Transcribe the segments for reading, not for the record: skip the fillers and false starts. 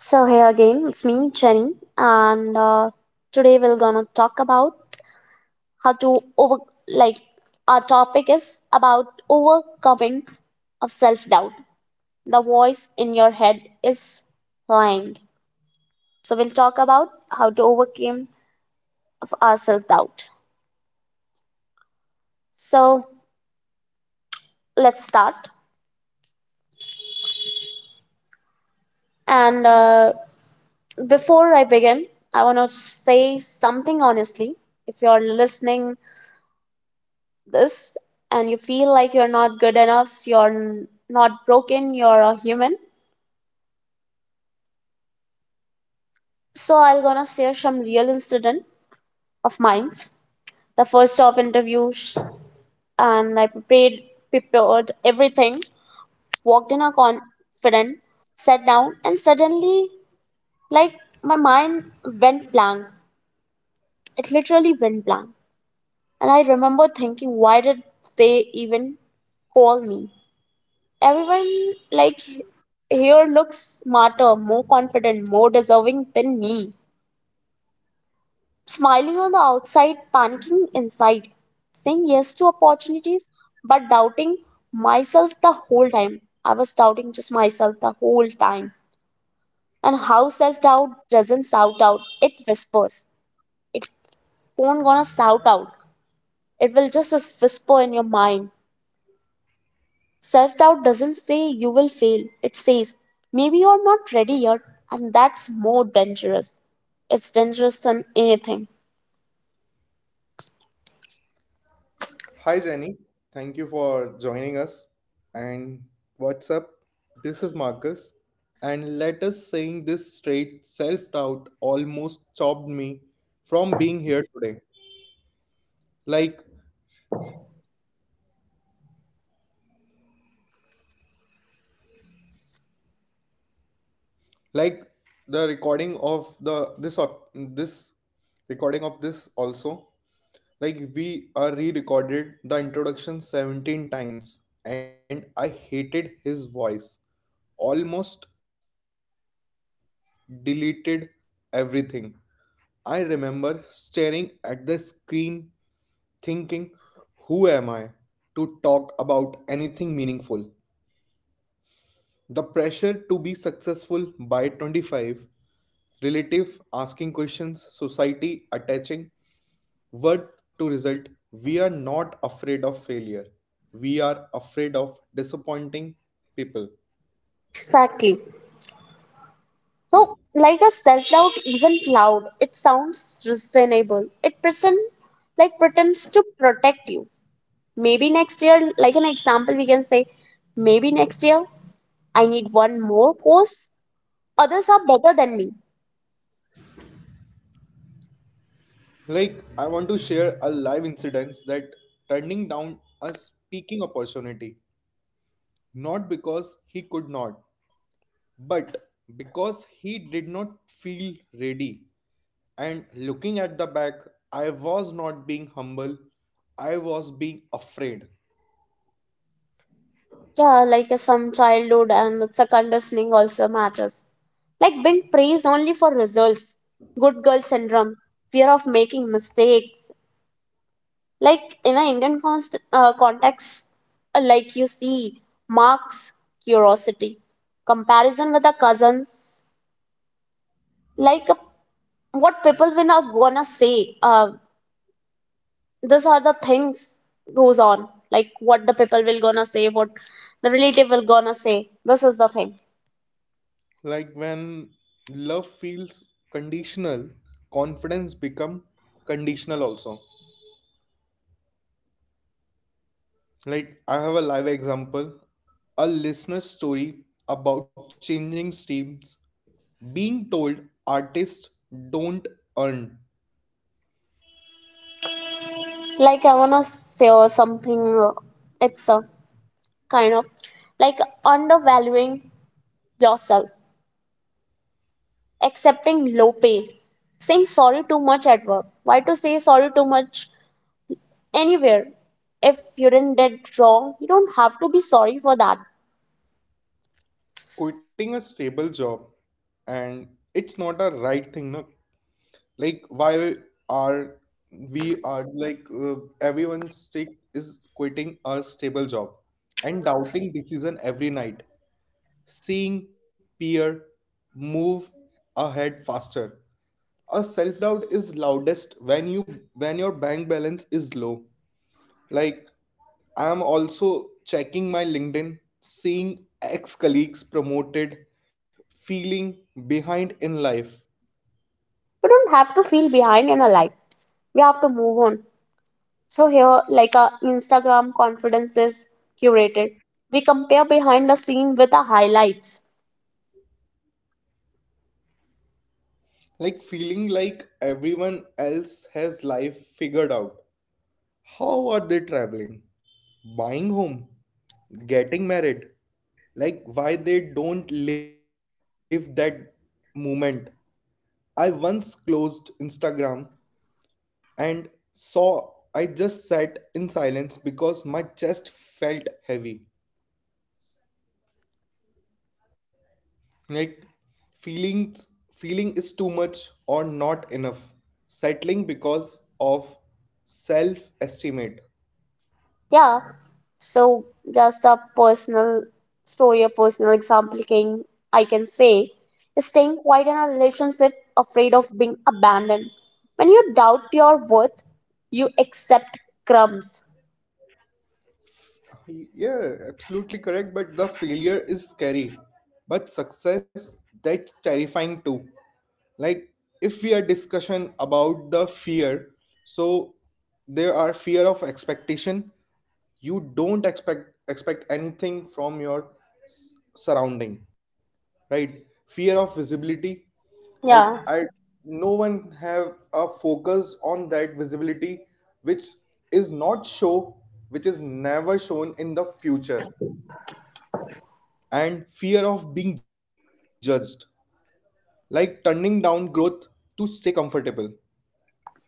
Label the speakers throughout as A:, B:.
A: So here again, it's me, Jenny, and today we're gonna talk about how to over like our topic is about overcoming of self doubt. The voice in your head is lying. So we'll talk about how to overcome of our self doubt. So let's start. And Before I begin, I wanna say something honestly. If you're listening this and you feel like you're not good enough, not broken, you're a human. So I'm gonna share some real incident of mine. The first job interview, and I prepared everything, walked in a confident, sat down, and suddenly, like my mind went blank. It literally went blank, and I remember thinking, why did they even call me? Everyone like here looks smarter, more confident, more deserving than me. Smiling on the outside, panicking inside, saying yes to opportunities, but doubting myself the whole time. I was doubting just myself the whole time. And how self doubt doesn't shout out, it whispers. It won't gonna shout out, it will just whisper in your mind. Self doubt doesn't say you will fail, it says maybe you're not ready yet, and that's more dangerous. It's dangerous than anything.
B: Hi Jenny, thank you for joining us. And what's up? This is Marcus. And let us saying this straight self doubt almost stopped me from being here today. Like like the recording of this recording of this also. Like we are re-recorded the introduction 17 times and I hated his voice. Almost deleted everything. I remember staring at the screen, thinking, who am I to talk about anything meaningful? The pressure to be successful by 25, relative asking questions, society attaching worth to result. We are not afraid of failure. We are afraid of disappointing people.
A: Exactly. So, like a self doubt isn't loud, it sounds reasonable. It pretends to protect you. Maybe next year, like an example, we can say, maybe next year I need one more course. Others are better than me.
B: Like, I want to share a live incident that turning down a speaking opportunity. Not because he could not, but because he did not feel ready. And looking at the back, I was not being humble, I was being afraid.
A: Yeah, like some childhood and it's a conditioning also matters. Like being praised only for results, good girl syndrome, fear of making mistakes. Like in an Indian context, like you see marks, curiosity, comparison with the cousins. Like what people will not gonna say. These are the things goes on. Like what the people will gonna say, what the relative will gonna say. This is the thing.
B: Like when love feels conditional, confidence become conditional also. Like I have a live example, a listener's story about changing streams, being told artists don't earn,
A: Like I wanna say or something. uh, It's a kind of like undervaluing yourself, accepting low pay, saying sorry too much at work. Why to say sorry too much anywhere? If you didn't did wrong, you don't have to be sorry for that.
B: quitting a stable job, and it's not a right thing, no. Like, why are we are like everyone stick is quitting a stable job and doubting decision every night, seeing peer move ahead faster. A self doubt is loudest when your bank balance is low. Like, I'm also checking my LinkedIn, seeing ex colleagues promoted, feeling behind in life.
A: You don't have to feel behind in a life. We have to move on. So here, like our Instagram confidence is curated. We compare behind the scene with the highlights.
B: Like, feeling like everyone else has life figured out. How are they traveling? Buying home? Getting married? Like, why they don't live that moment? I once closed Instagram and saw I just sat in silence because my chest felt heavy. Like feelings feeling is too much or not enough. Settling because of self estimate.
A: Yeah. So just a personal story, a personal example can I can say is staying quiet in a relationship afraid of being abandoned. When you doubt your worth, you accept crumbs.
B: Yeah, absolutely correct, but the failure is scary. But success, that's terrifying too. Like, if we are discussion about the fear, so there are fear of expectation. You don't expect anything from your surrounding, right? Fear of visibility, like I
A: Yeah.
B: no one have a focus on that visibility, which is not show, which is never shown in the future. And fear of being judged, like turning down growth to stay comfortable,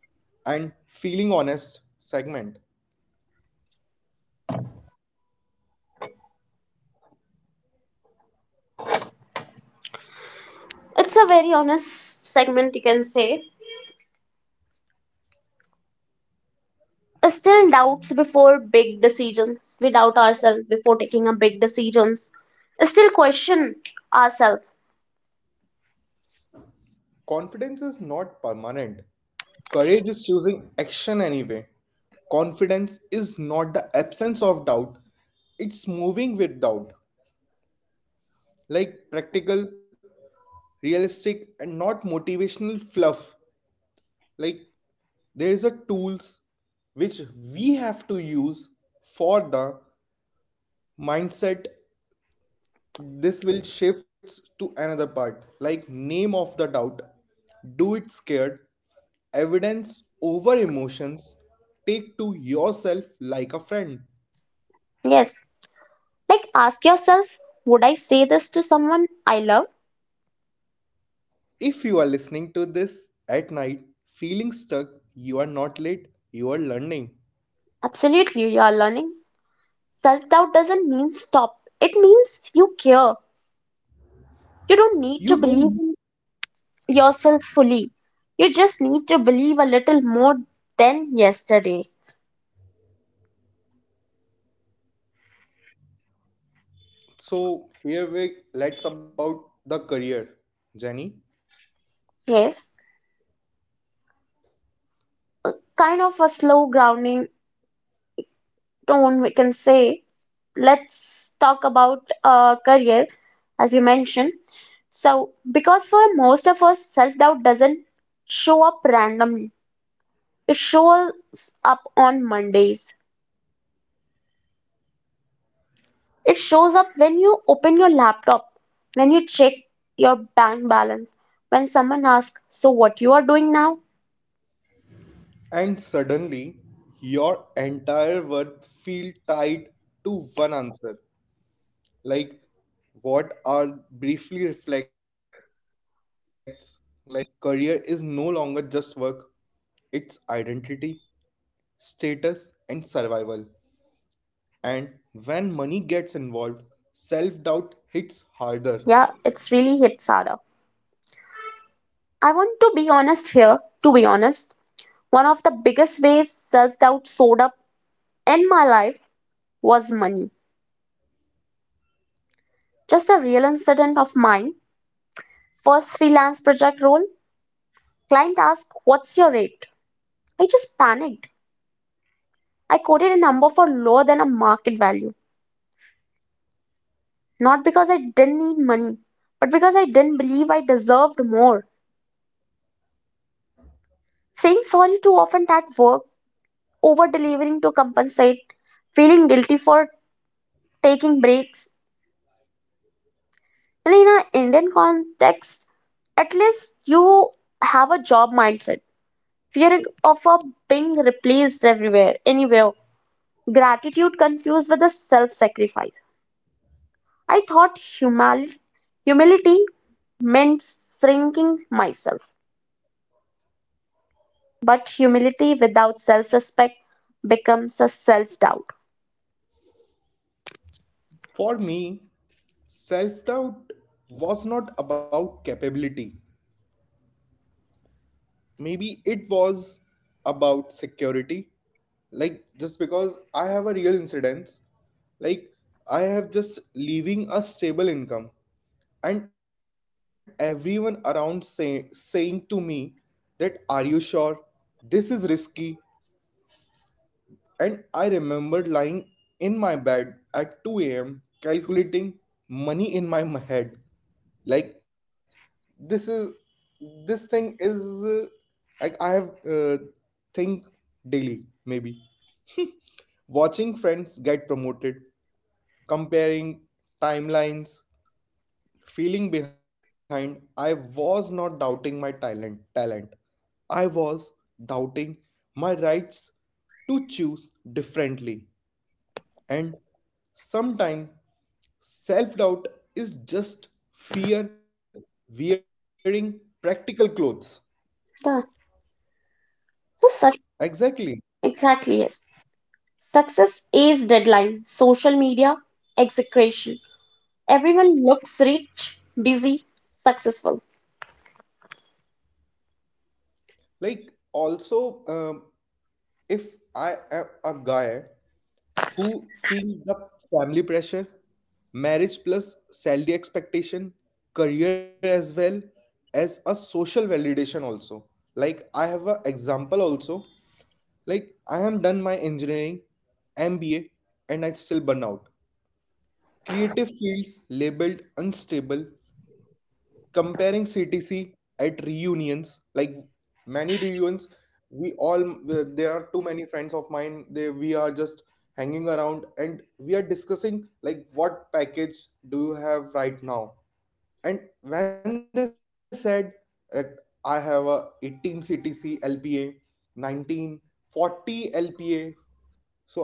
B: and feeling honest segment.
A: It's a very honest segment you can say. Still doubts before big decisions. We doubt ourselves before taking a big decisions. Still question ourselves.
B: Confidence is not permanent. Courage is choosing action anyway. Confidence is not the absence of doubt, it's moving with doubt. Like practical, realistic, and not motivational fluff. Like there's a tools which we have to use for the mindset. This will shifts to another part, like name of the doubt, do it scared, evidence over emotions, take to yourself like a friend.
A: Yes. Like ask yourself, would I say this to someone I love?
B: If you are listening to this at night, feeling stuck, you are not late, you are learning.
A: Absolutely, you are learning. Self doubt doesn't mean stop, it means you care. You don't
B: You
A: need to
B: don't.
A: believe in yourself fully. You just need to believe a little more than yesterday.
B: So here we let's about the career, Jenny.
A: Yes, kind of a slow grounding tone, we can say. Let's talk about career, as you mentioned. So, because for most of us, self doubt doesn't show up randomly, it shows up on Mondays. It shows up when you open your laptop, when you check your bank balance, when someone asks, so, what you are doing now?
B: And suddenly, your entire world feel tied to one answer. Like what are briefly reflects, like career is no longer just work, it's identity, status, and survival. And when money gets involved, self doubt hits harder.
A: Yeah, it's really hits harder. I want to be honest here, to be honest. One of the biggest ways self doubt showed up in my life was money. Just a real incident of mine. First freelance project role, client asked, what's your rate? I just panicked. I quoted a number for lower than a market value. Not because I didn't need money, but because I didn't believe I deserved more. Saying sorry too often at work, over delivering to compensate, feeling guilty for taking breaks. And in an Indian context, at least you have a job mindset. Fear of a being replaced everywhere, anywhere. Gratitude confused with a self sacrifice. I thought humility meant shrinking myself. But humility without self respect becomes a self doubt.
B: For me, self doubt was not about capability. Maybe it was about security. Like, just because I have a real incidence, like, I have just leaving a stable income, and everyone around saying to me that, are you sure? This is risky. And I remembered lying in my bed at 2 a.m. calculating money in my head. Like this is this thing is like I have think daily maybe watching friends get promoted, comparing timelines, feeling behind. I was not doubting my talent. Talent. I was doubting my rights to choose differently. And sometimes self doubt is just fear wearing practical clothes.
A: The so suc-
B: Exactly.
A: exactly, yes. Success is deadline, social media, execration. Everyone looks rich, busy, successful.
B: Like, also, if I am a guy who feels the family pressure, marriage plus salary expectation, career as well as a social validation, also. Like, I have an example also. Like, I have done my engineering MBA and I still burn out. Creative fields labeled unstable, comparing CTC at reunions, like many reunions, we all there are too many friends of mine. They we are just hanging around and we are discussing like what package do you have right now? And when they said that I have a 18 CTC LPA, 19, LPA,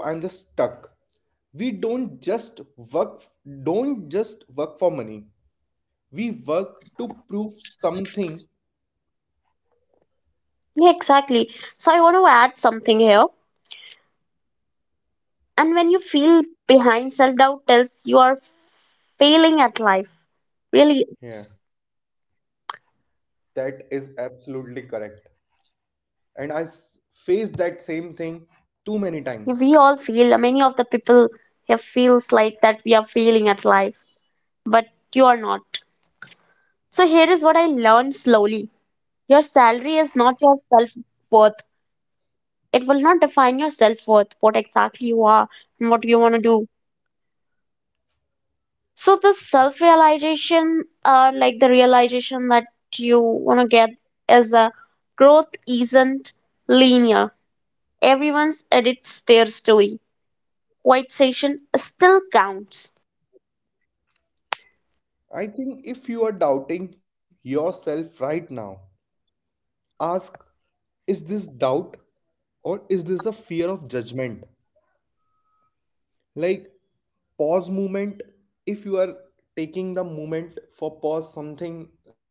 B: so I'm just stuck. We work don't just work for money, we work to prove something.
A: Yeah, exactly. So I want to add something here. And when you feel behind, self doubt tells you are failing at life. Really, it's-
B: Yeah, that is absolutely correct and I faced that same thing too many
A: we all
B: times.
A: feel. Many of the people here feels like that we are failing at life, but you are not. So here is what I learned slowly. Your salary is not your self worth. It will not define your self worth, what exactly you are and what you want to do. So the realization that you want to get is a growth isn't linear. Everyone's edits their story. Quiet session still counts.
B: I think if you are doubting yourself right now, ask, is this doubt or is this a fear of judgment? Like pause movement, if you are taking the moment for pause something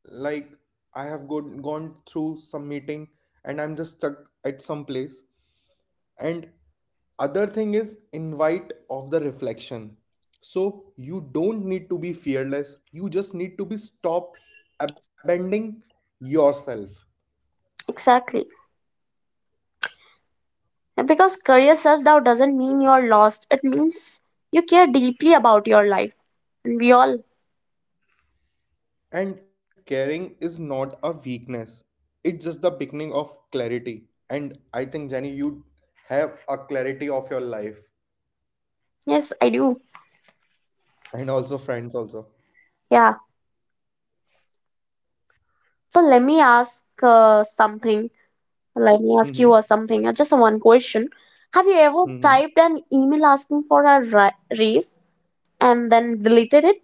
B: like I have gone through some meeting and I'm just stuck at some place. And other thing is invite of the reflection, so you don't need to be fearless, you just need to be stop abandoning yourself.
A: Exactly. And because career self doubt doesn't mean you're lost. It means you care deeply about your life. And we all.
B: And caring is not a weakness. It's just the beginning of clarity. And I think Jenny, you have a clarity of your life
A: Yes, I do.
B: and also friends also.
A: Yeah. So let me ask uh, something. Let me
B: Mm-hmm.
A: ask you or something. Just one question. Have you ever
B: Mm-hmm.
A: typed an email asking for a ra raise and then deleted it?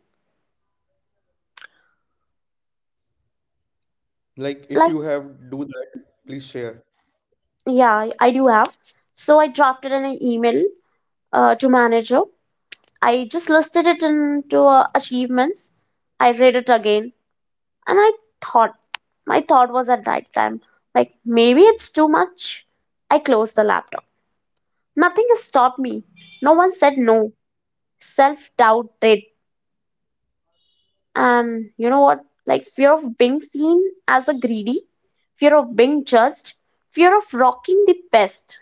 B: Like if you
A: Like,
B: have do that, please share.
A: yeah, I do have. So I drafted an email to manager. I just listed it into achievements. I read it again, and I thought my thought was at that time, like maybe it's too much. I closed the laptop. Nothing has stopped me. No one said no. Self doubt did. And you know what? Like fear of being seen as a greedy, fear of being judged, fear of rocking the best.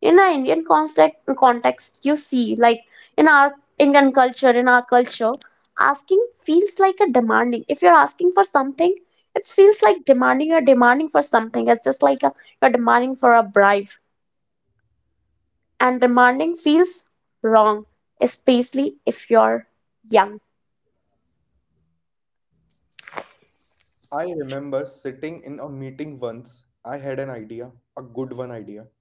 A: In our Indian context, you see, like in our Indian culture, in our culture, asking feels like a demanding. If you're asking for something, it feels like demanding. You're demanding for something. It's just like a, you're demanding for a bribe. And demanding feels wrong, especially if you're young.
B: I remember sitting in a meeting once. I had an idea, a good one idea,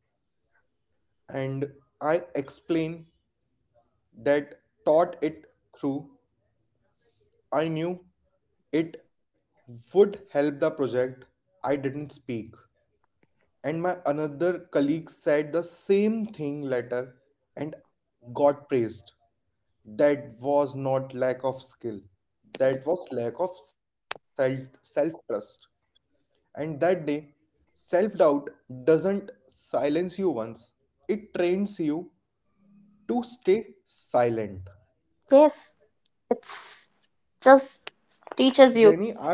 B: and I explained that thought it through. I knew it would help the project. I didn't speak. And my another colleague said the same thing later and got praised. That was not lack of skill, that was lack of self trust. And that day, self doubt doesn't silence you once, it trains you to stay silent.
A: Yes, it's just teaches
B: jenny
A: you.
B: i want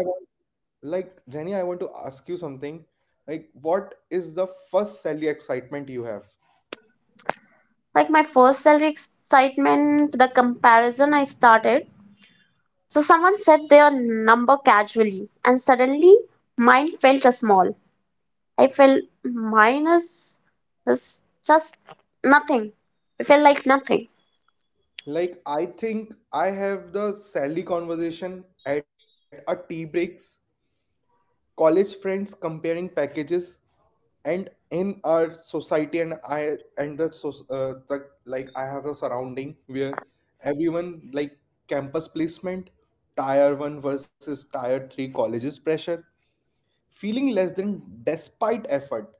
B: like jenny i want to ask you something, like what is the first salary excitement you have.
A: Like my first salary excitement, the comparison I started. So someone said their number casually, and suddenly mine felt a small. I felt mine is just nothing. I felt like nothing.
B: Like I think I have the salary conversation at a tea breaks, college friends comparing packages, and in our society and I and the so the like I have a surrounding where everyone like campus placement, tier one versus tier three colleges pressure, feeling less than despite effort.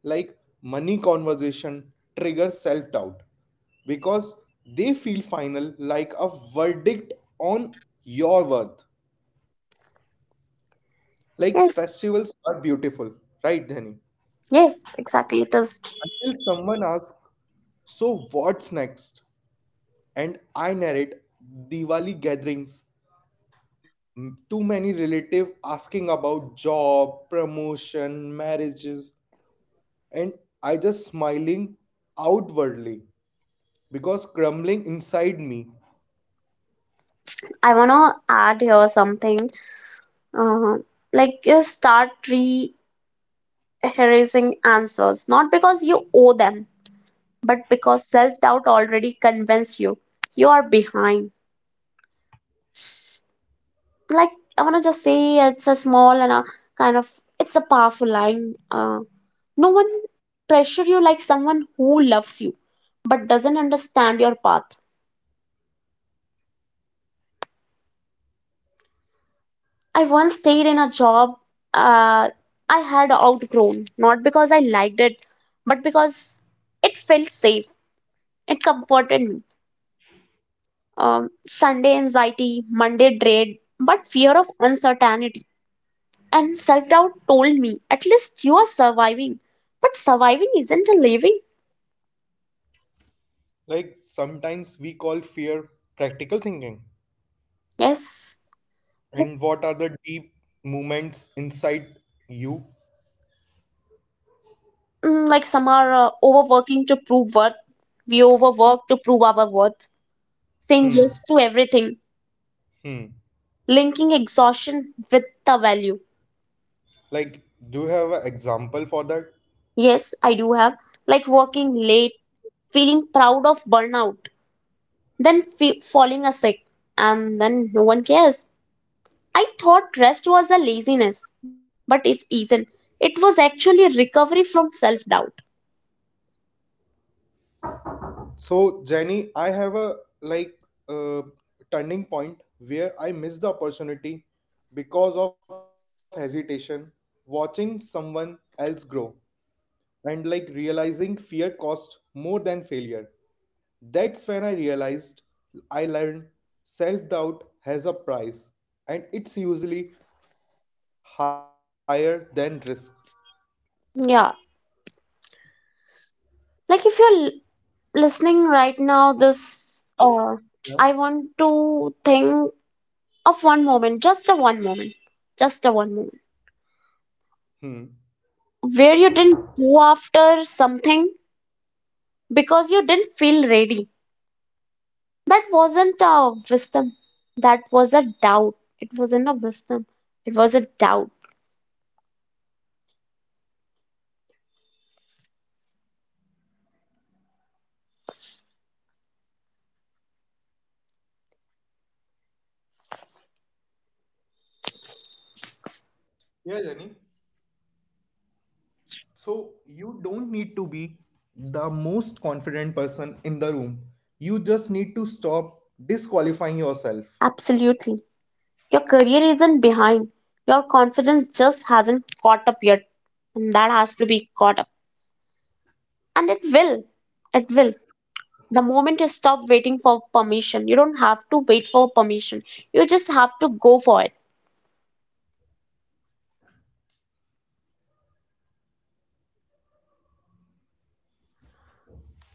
B: Like money conversation triggers self doubt because they feel final like a verdict on your worth. Like
A: Yes,
B: festivals are beautiful, right Dhani,
A: yes, exactly. It is.
B: until someone asks, so what's next? And I narrate Diwali gatherings, too many relative asking about job promotion marriages, and I just smiling outwardly because crumbling inside me.
A: I wanna add here something. uh, like you start rehearsing answers not because you owe them but because self-doubt already convinced you you are behind. S- like I want to just say it's a small and a kind of it's a powerful line. No one pressure you like someone who loves you but doesn't understand your path. I once stayed in a job uh, I had outgrown not because I liked it but because it felt safe. It comforted me. Sunday anxiety, Monday dread, but fear of uncertainty and self doubt told me at least you are surviving. But surviving isn't a living.
B: Like sometimes we call fear practical thinking.
A: Yes.
B: And what are the deep movements inside you?
A: Like some are overworking to prove worth. We overwork to prove our worth, saying yes
B: Hmm.
A: to everything,
B: Hmm.
A: linking exhaustion with the value.
B: Like, do you have an example for that?
A: Yes, I do have. Like working late, feeling proud of burnout then falling a sick, and then no one cares. I thought rest was a laziness, but it isn't. It was actually recovery from self doubt.
B: So, Jenny, I have a like uh, turning point where I missed the opportunity because of hesitation, watching someone else grow and like realizing fear costs more than failure. That's when I realized I learned self doubt has a price and it's usually higher than risk.
A: Yeah, like if you're listening right now, this
B: Yeah.
A: I want to think of one moment, just a one moment, just a one moment
B: Hmm.
A: where you didn't go after something because you didn't feel ready. That wasn't a wisdom, that was a doubt. It wasn't a wisdom, it was a doubt.
B: Yeah, Jenny. So you don't need to be the most confident person in the room. You just need to stop disqualifying yourself.
A: Absolutely. Your career isn't behind. Your confidence just hasn't caught up yet. And that has to be caught up. And it will. It will. The moment you stop waiting for permission, you don't have to wait for permission. You just have to go for it.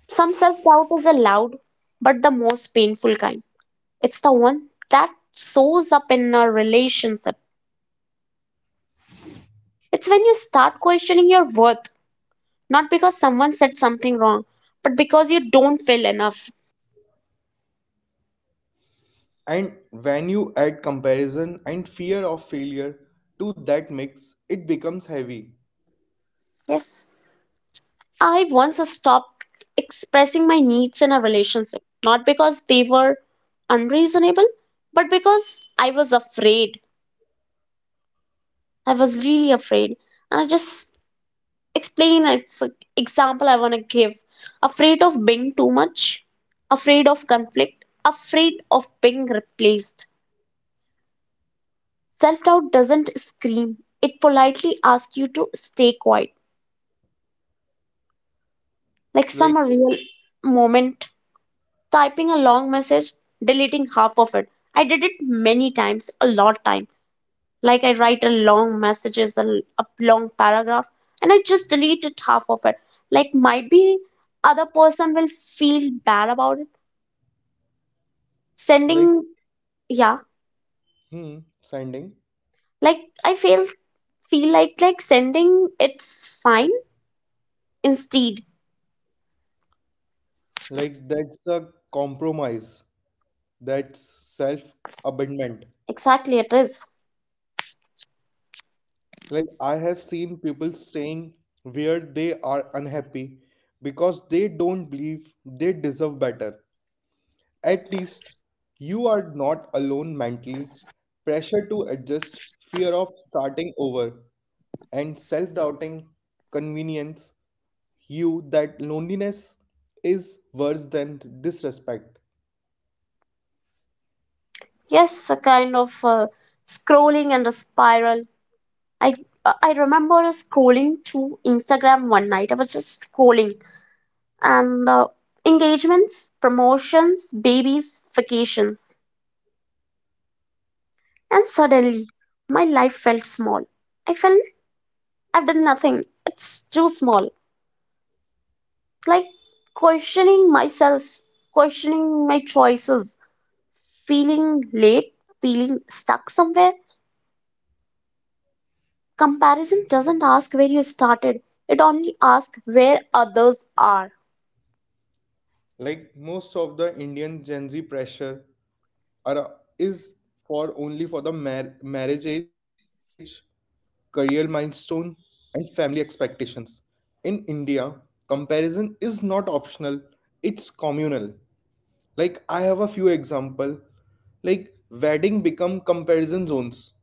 A: Some self doubt is allowed, but the most painful kind. It's the one that shows up in a relationship. It's when you start questioning your worth, not because someone said something wrong, but because you don't feel enough.
B: And when you add comparison and fear of failure to that mix, it becomes heavy.
A: Yes. I once stopped expressing my needs in a relationship, not because they were unreasonable, but because I was afraid. I was really afraid. And I just explain it's an example I want to give. Afraid of being too much, afraid of conflict, afraid of being replaced. Self doubt doesn't scream, it politely asks you to stay quiet. Like some
B: Like.
A: real moment typing a long message, deleting half of it. I did it many times, a lot time. Like I write a long messages, a a long paragraph, and I just deleted half of it. Like might be other person will feel bad about it. Sending, yeah,
B: Hmm, sending.
A: like I feel like sending it's fine instead.
B: Like that's a compromise. That's self-abandonment.
A: Exactly, it is.
B: Like I have seen people staying where they are unhappy because they don't believe they deserve better. At least you are not alone mentally. Pressure to adjust, fear of starting over, and self-doubting convenience you that loneliness is worse than disrespect.
A: Yes, a kind of scrolling and a spiral. I I remember scrolling through Instagram one night. I was just scrolling and engagements, promotions, babies, vacations, and suddenly my life felt small. I felt I've done nothing. It's too small. Like questioning myself, questioning my choices, feeling late, feeling stuck somewhere. Comparison doesn't ask where you started. It only asks where others are.
B: Like most of the Indian gen z pressure is for only for the marriage age, career milestone, and family expectations. In India, comparison is not optional, it's communal. Like I have a few example, like wedding become comparison zones,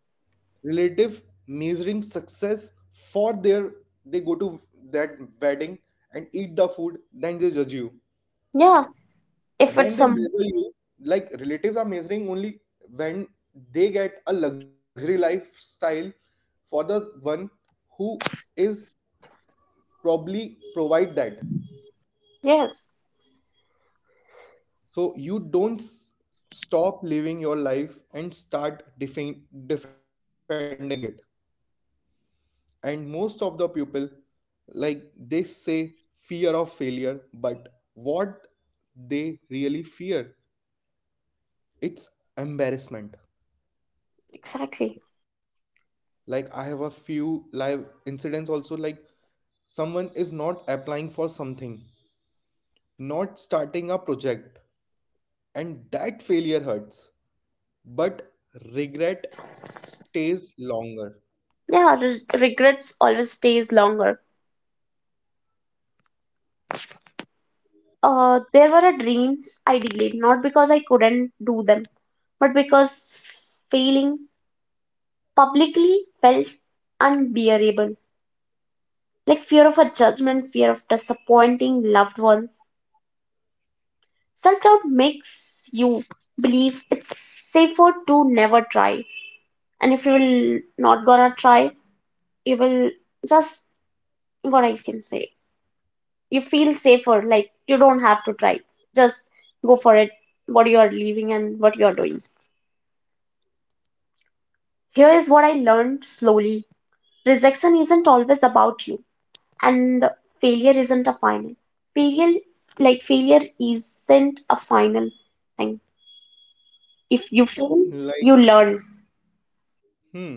B: relative measuring success for their, they go to that wedding and eat the food, then they judge you.
A: Yeah, if
B: Then they
A: it's
B: measure
A: some.
B: you, like relatives are measuring only when they get a luxury lifestyle for the one who is probably provide that.
A: Yes,
B: So you don't stop living your life and start defending it. And most of the people like they say fear of failure, but what they really fear it's embarrassment.
A: exactly.
B: Like I have a few live incidents also, like someone is not applying for something, not starting a project, and that failure hurts, but regret stays longer.
A: Yeah, regrets always stays longer. There were a dreams I delayed, not because I couldn't do them, but because failing publicly felt unbearable. Like fear of a judgment, fear of disappointing loved ones. Self doubt makes you believe it's safer to never try. And if you will not gonna try, you will just what I can say. You feel safer like you don't have to try, just go for it, what you are leaving and what you are doing. Here is what I learned slowly, rejection isn't always about you, and failure isn't a final failure. Like failure isn't a final thing. If you fail,
B: Like.
A: you learn.
B: Hmm.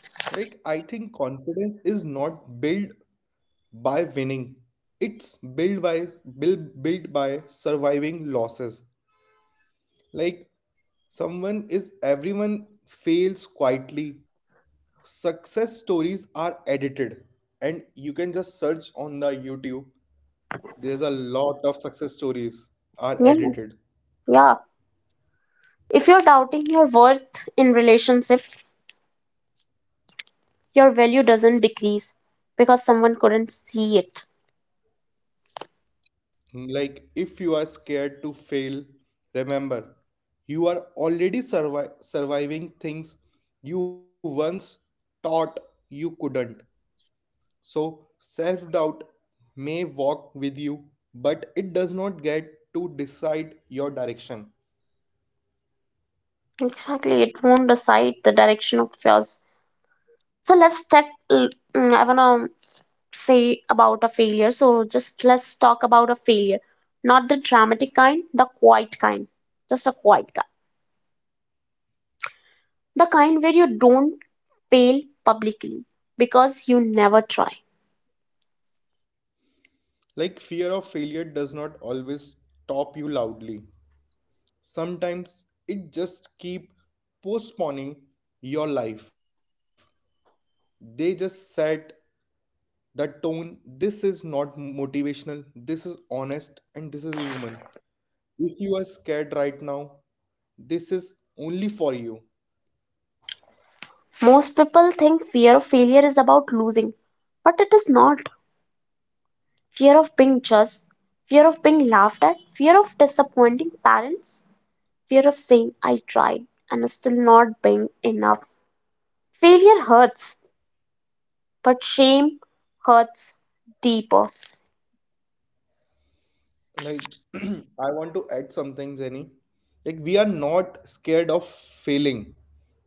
B: Like I think confidence is not built by winning, it's built by built built by surviving losses. Like someone is everyone fails quietly. Success stories are edited and you can just search on the YouTube. There's a lot of success stories are
A: Yeah,
B: edited.
A: yeah. If you're doubting your worth in relationship, your value doesn't decrease because someone couldn't see it.
B: Like if you are scared to fail, remember you are already surviving things you once thought you couldn't. So, self doubt may walk with you, but it does not get to decide your direction.
A: Exactly, it won't decide the direction of yours. So let's talk. mm, I wanna say about a failure. So just let's talk about a failure, not the dramatic kind, the quiet kind, just a quiet kind, the kind where you don't fail publicly because you never try.
B: Like, fear of failure does not always stop you loudly. Sometimes it just keep postponing your life. They just set the tone. This is not motivational, this is honest, and this is human. If you are scared right now, this is only for you.
A: Most people think fear of failure is about losing, but it is not. Fear of being judged, fear of being laughed at, fear of disappointing parents, fear of saying I tried and still not being enough. Failure hurts but shame hurts deeper.
B: Like, I want to add some things, any. Like, we are not scared of failing.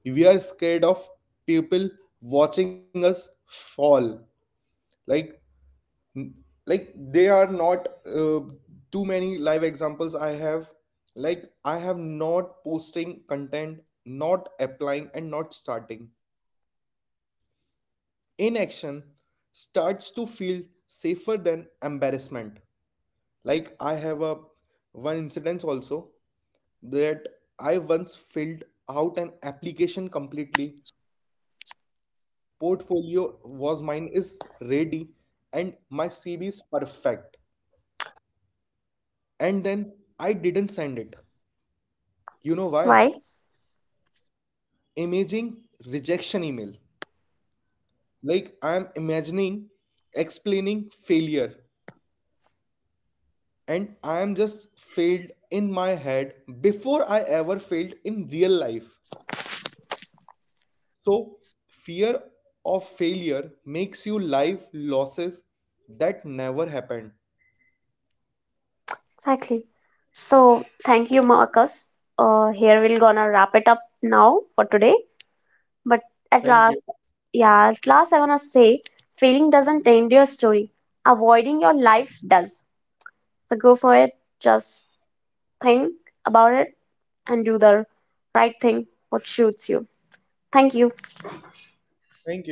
B: We are scared of people watching us fall. Like, n- like they are not too many live examples I have. Like, I have not posting content, not applying, and not starting. Inaction starts to feel safer than embarrassment. Like, I have a one incident also that I once filled out an application completely. Portfolio was mine is ready and my CV is perfect. And then I didn't send it. You know why?
A: Why?
B: Imaging rejection email. Like I am imagining explaining failure and I am just failed in my head before I ever failed in real life. So, fear of failure makes you live losses that never happened.
A: Exactly. So thank you, Marcus. Here we're gonna wrap it up now for today. But at
B: Thank
A: last,
B: you.
A: yeah, at last I wanna say, failing doesn't end your story. Avoiding your life does. So go for it. Just think about it and do the right thing what suits you. Thank you.
B: Thank you.